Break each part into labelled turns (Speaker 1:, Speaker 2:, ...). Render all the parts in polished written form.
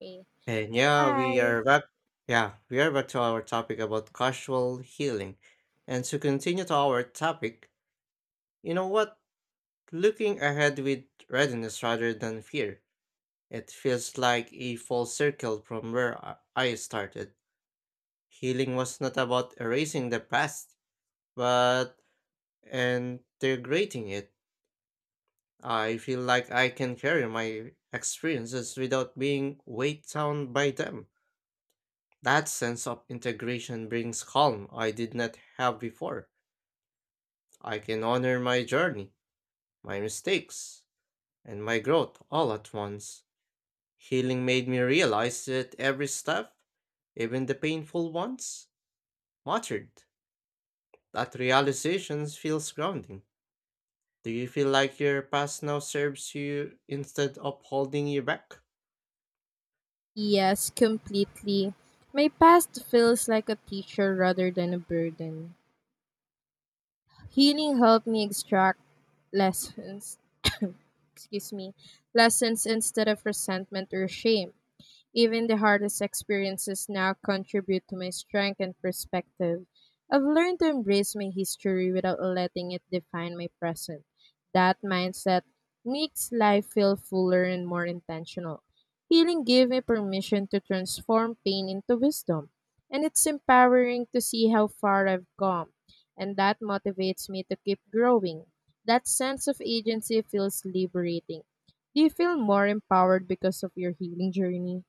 Speaker 1: Hey.
Speaker 2: And yeah,
Speaker 1: Hi.
Speaker 2: we are back. Yeah, we are back to our topic about casual healing. And to continue to our topic, you know what? Looking ahead with readiness rather than fear, it feels like a full circle from where I started. Healing was not about erasing the past, but integrating it. I feel like I can carry my experiences without being weighed down by them. That sense of integration brings calm I did not have before. I can honor my journey, my mistakes, and my growth all at once. Healing made me realize that every step, even the painful ones, mattered. That realization feels grounding. Do you feel like your past now serves you instead of holding you back?
Speaker 1: Yes, completely. My past feels like a teacher rather than a burden. Healing helped me extract lessons, excuse me, lessons instead of resentment or shame. Even the hardest experiences now contribute to my strength and perspective. I've learned to embrace my history without letting it define my present. That mindset makes life feel fuller and more intentional. Healing gave me permission to transform pain into wisdom, and it's empowering to see how far I've come, and that motivates me to keep growing. That sense of agency feels liberating. Do you feel more empowered because of your healing journey?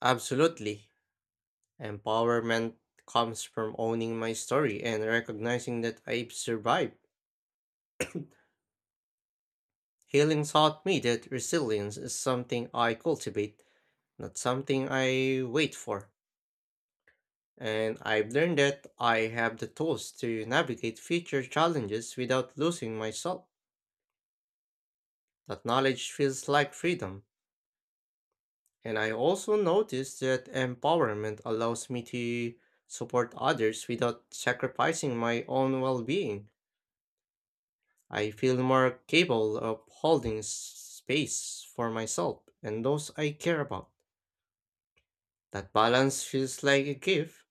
Speaker 2: Absolutely. Empowerment comes from owning my story and recognizing that I've survived. Healing taught me that resilience is something I cultivate, not something I wait for. And I've learned that I have the tools to navigate future challenges without losing myself. That knowledge feels like freedom. And I also noticed that empowerment allows me to support others without sacrificing my own well being. I feel more capable of holding space for myself and those I care about. That balance feels like a gift.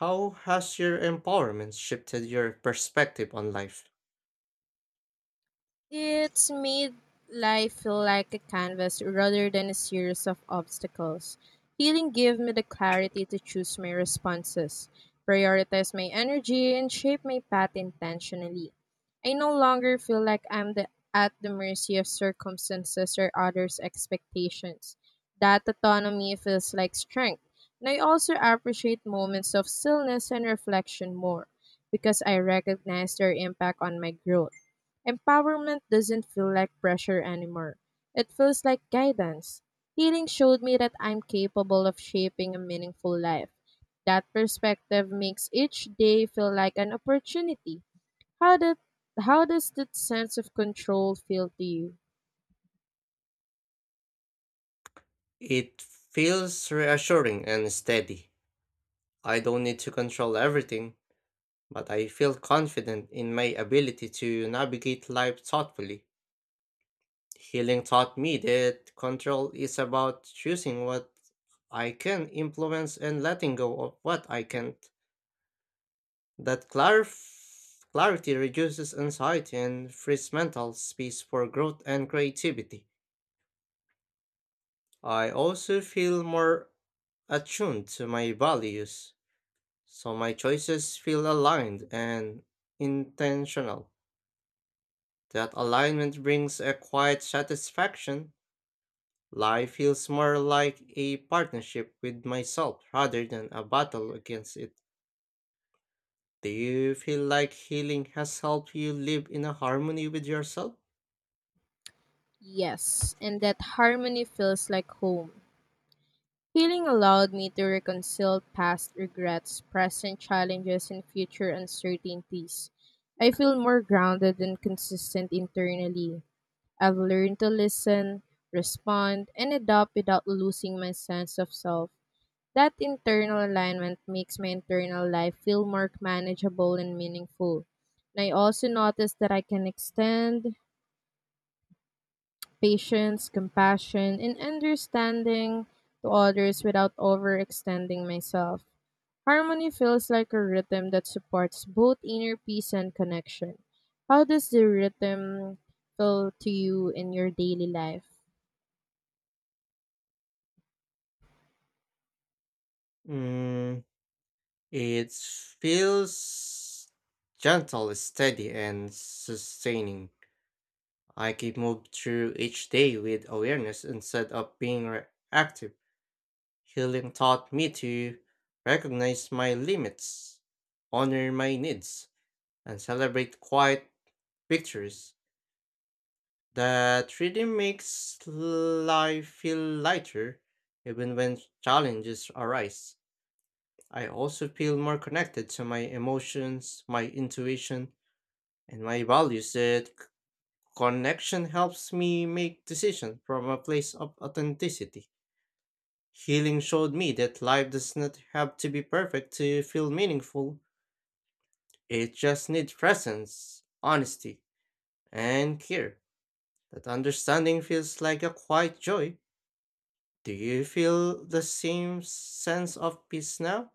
Speaker 2: How has your empowerment shifted your perspective on life?
Speaker 1: It's made life feel like a canvas rather than a series of obstacles. Healing gave me the clarity to choose my responses, prioritize my energy, and shape my path intentionally. I no longer feel like at the mercy of circumstances or others' expectations. That autonomy feels like strength, and I also appreciate moments of stillness and reflection more because I recognize their impact on my growth. Empowerment doesn't feel like pressure anymore. It feels like guidance. Healing showed me that I'm capable of shaping a meaningful life. That perspective makes each day feel like an opportunity. How did how does that sense of control feel to you?
Speaker 2: It feels reassuring and steady. I don't need to control everything, but I feel confident in my ability to navigate life thoughtfully. Healing taught me that control is about choosing what I can influence and letting go of what I can't. That clarity reduces anxiety and frees mental space for growth and creativity. I also feel more attuned to my values, so my choices feel aligned and intentional. That alignment brings a quiet satisfaction. Life feels more like a partnership with myself rather than a battle against it. Do you feel like healing has helped you live in a harmony with yourself?
Speaker 1: Yes, and that harmony feels like home. Healing allowed me to reconcile past regrets, present challenges, and future uncertainties. I feel more grounded and consistent internally. I've learned to listen, respond, and adapt without losing my sense of self. That internal alignment makes my internal life feel more manageable and meaningful. And I also notice that I can extend patience, compassion, and understanding to others without overextending myself. Harmony feels like a rhythm that supports both inner peace and connection. How does the rhythm feel to you in your daily life?
Speaker 2: Mm, it feels gentle, steady, and sustaining. I keep moved through each day with awareness instead of being reactive. Healing taught me to recognize my limits, honor my needs, and celebrate quiet victories. That rhythm makes life feel lighter, even when challenges arise. I also feel more connected to my emotions, my intuition, and my values. That connection helps me make decisions from a place of authenticity. Healing showed me that life does not have to be perfect to feel meaningful. It just needs presence, honesty, and care. That understanding feels like a quiet joy. Do you feel the same sense of peace now?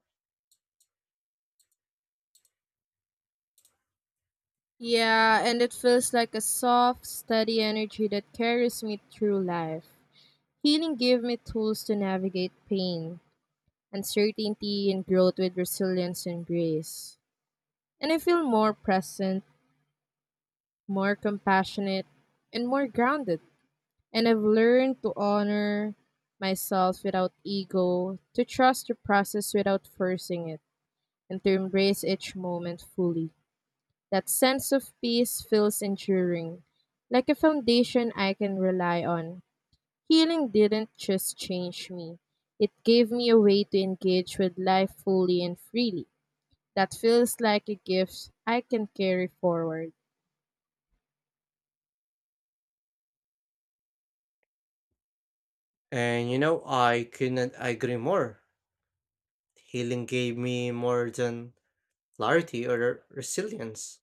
Speaker 1: Yeah, and it feels like a soft, steady energy that carries me through life. Healing gave me tools to navigate pain, uncertainty, and growth with resilience and grace. And I feel more present, more compassionate, and more grounded. And I've learned to honor myself without ego, to trust the process without forcing it, and to embrace each moment fully. That sense of peace feels enduring, like a foundation I can rely on. Healing didn't just change me, it gave me a way to engage with life fully and freely. That feels like a gift I can carry forward.
Speaker 2: And you know, I couldn't agree more. Healing gave me more than clarity or resilience.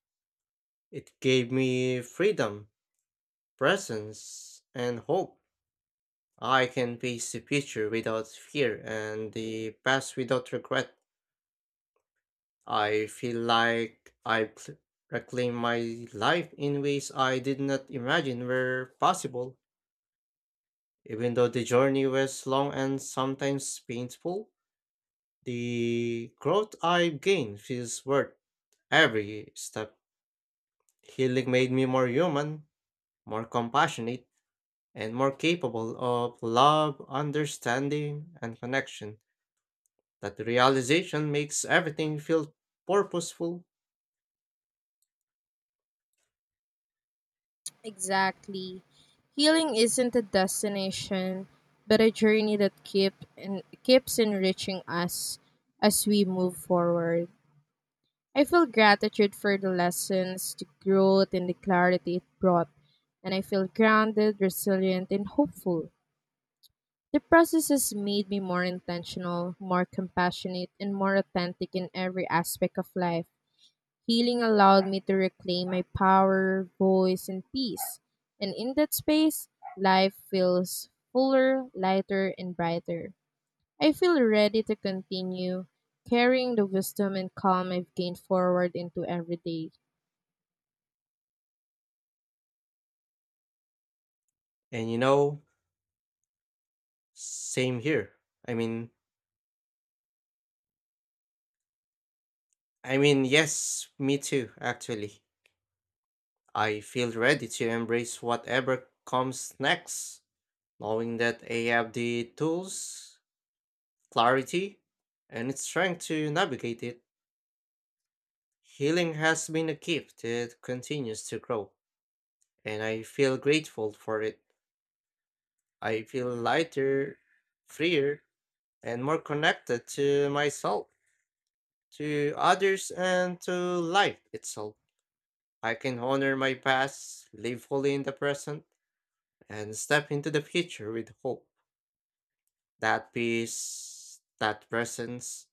Speaker 2: It gave me freedom, presence, and hope. I can face the future without fear and the past without regret. I feel like reclaim my life in ways I did not imagine were possible. Even though the journey was long and sometimes painful, the growth I gained feels worth every step. Healing made me more human, more compassionate, and more capable of love, understanding, and connection. That realization makes everything feel purposeful.
Speaker 1: Exactly. Healing isn't a destination, but a journey that keeps enriching us as we move forward. I feel gratitude for the lessons, the growth, and the clarity it brought, and I feel grounded, resilient, and hopeful. The process has made me more intentional, more compassionate, and more authentic in every aspect of life. Healing allowed me to reclaim my power, voice, and peace. And in that space, life feels fuller, lighter, and brighter. I feel ready to continue carrying the wisdom and calm I've gained forward into every day.
Speaker 2: And you know, same here. I mean, yes, me too, actually. I feel ready to embrace whatever comes next, knowing that I have the tools, clarity, and strength to navigate it. Healing has been a gift that continues to grow, and I feel grateful for it. I feel lighter, freer, and more connected to myself, to others, and to life itself. I can honor my past, live fully in the present, and step into the future with hope. That peace, that presence,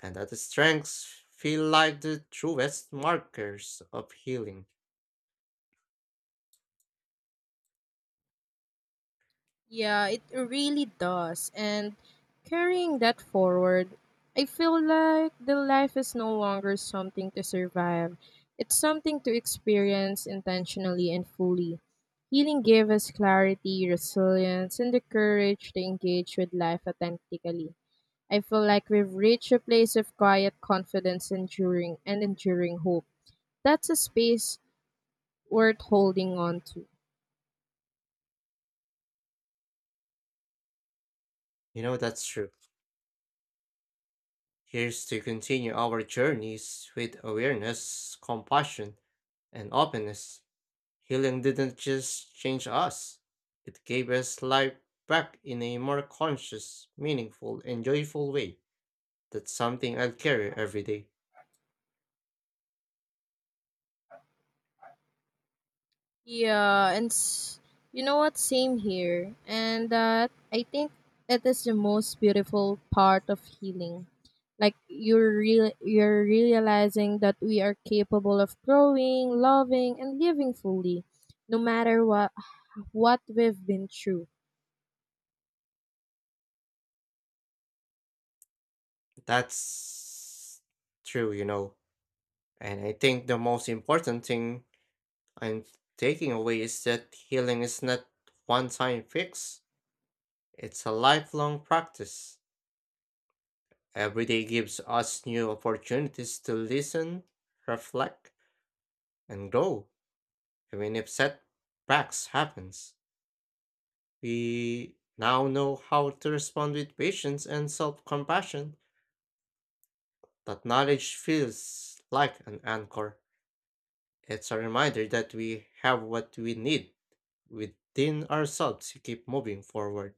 Speaker 2: and that strength feel like the truest markers of healing.
Speaker 1: Yeah, it really does. And carrying that forward, I feel like the life is no longer something to survive. It's something to experience intentionally and fully. Healing gave us clarity, resilience, and the courage to engage with life authentically. I feel like we've reached a place of quiet confidence enduring and enduring hope. That's a space worth holding on to.
Speaker 2: You know, that's true. Here's to continue our journeys with awareness, compassion, and openness. Healing didn't just change us, it gave us life back in a more conscious, meaningful, and joyful way. That's something I'll carry every day.
Speaker 1: Yeah, and s- you know what? Same here. And I think it is the most beautiful part of healing. Like you're realizing that we are capable of growing, loving, and living fully, no matter what we've been through.
Speaker 2: That's true, you know. And I think the most important thing I'm taking away is that healing is not one time fix, it's a lifelong practice. Every day gives us new opportunities to listen, reflect, and grow, even if setbacks happens. We now know how to respond with patience and self-compassion. That knowledge feels like an anchor. It's a reminder that we have what we need within ourselves to keep moving forward.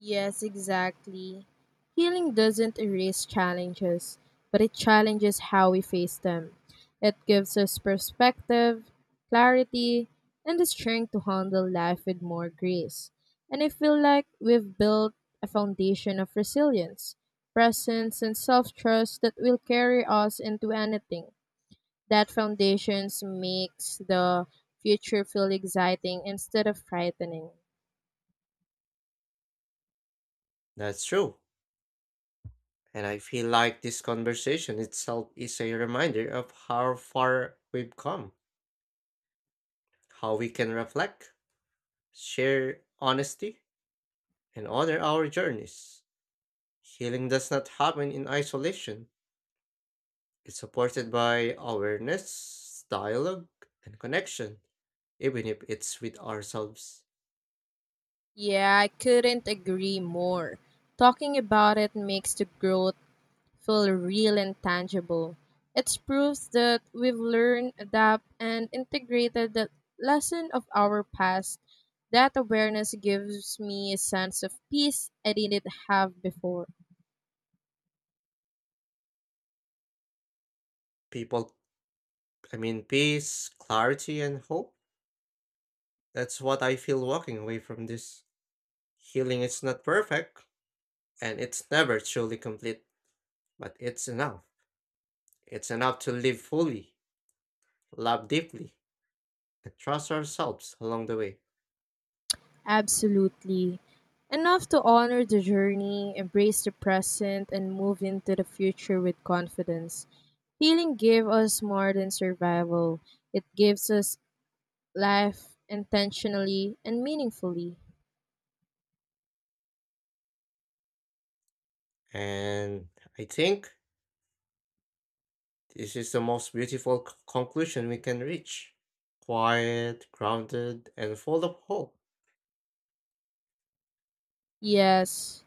Speaker 1: Yes, exactly. Healing doesn't erase challenges, but it challenges how we face them. It gives us perspective, clarity, and the strength to handle life with more grace. And I feel like we've built a foundation of resilience, presence, and self trust that will carry us into anything. That foundation makes the future feel exciting instead of frightening.
Speaker 2: That's true. And I feel like this conversation itself is a reminder of how far we've come. How we can reflect, share honesty, and honor our journeys. Healing does not happen in isolation, it's supported by awareness, dialogue, and connection, even if it's with ourselves.
Speaker 1: Yeah, I couldn't agree more. Talking about it makes the growth feel real and tangible. It's proof that we've learned, adapt, and integrated the lesson of our past. That awareness gives me a sense of peace I didn't have before.
Speaker 2: People, peace, clarity, and hope. That's what I feel walking away from this. Healing is not perfect, and it's never truly complete, but it's enough. It's enough to live fully, love deeply, and trust ourselves along the way.
Speaker 1: Absolutely. Enough to honor the journey, embrace the present, and move into the future with confidence. Healing gives us more than survival. It gives us life intentionally and meaningfully.
Speaker 2: And I think this is the most beautiful conclusion we can reach. Quiet, grounded, and full of hope.
Speaker 1: Yes,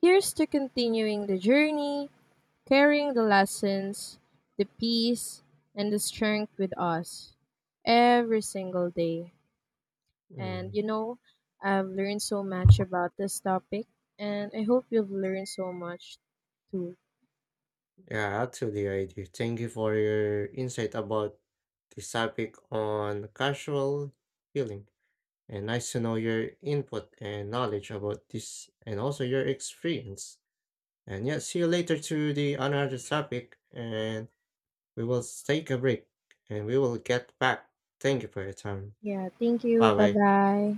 Speaker 1: here's to continuing the journey, carrying the lessons, the peace, and the strength with us every single day. And
Speaker 2: Mm.
Speaker 1: you know, I've learned so much about this topic, and I hope you've learned so much too.
Speaker 2: Yeah, actually, I do. Thank you for your insight about this topic on casual healing. And nice to know your input and knowledge about this and also your experience. And yeah, see you later to the another topic and we will take a break and we will get back. Thank you for your time.
Speaker 1: Yeah, thank you.
Speaker 2: Bye
Speaker 1: Bye
Speaker 2: bye.
Speaker 1: bye.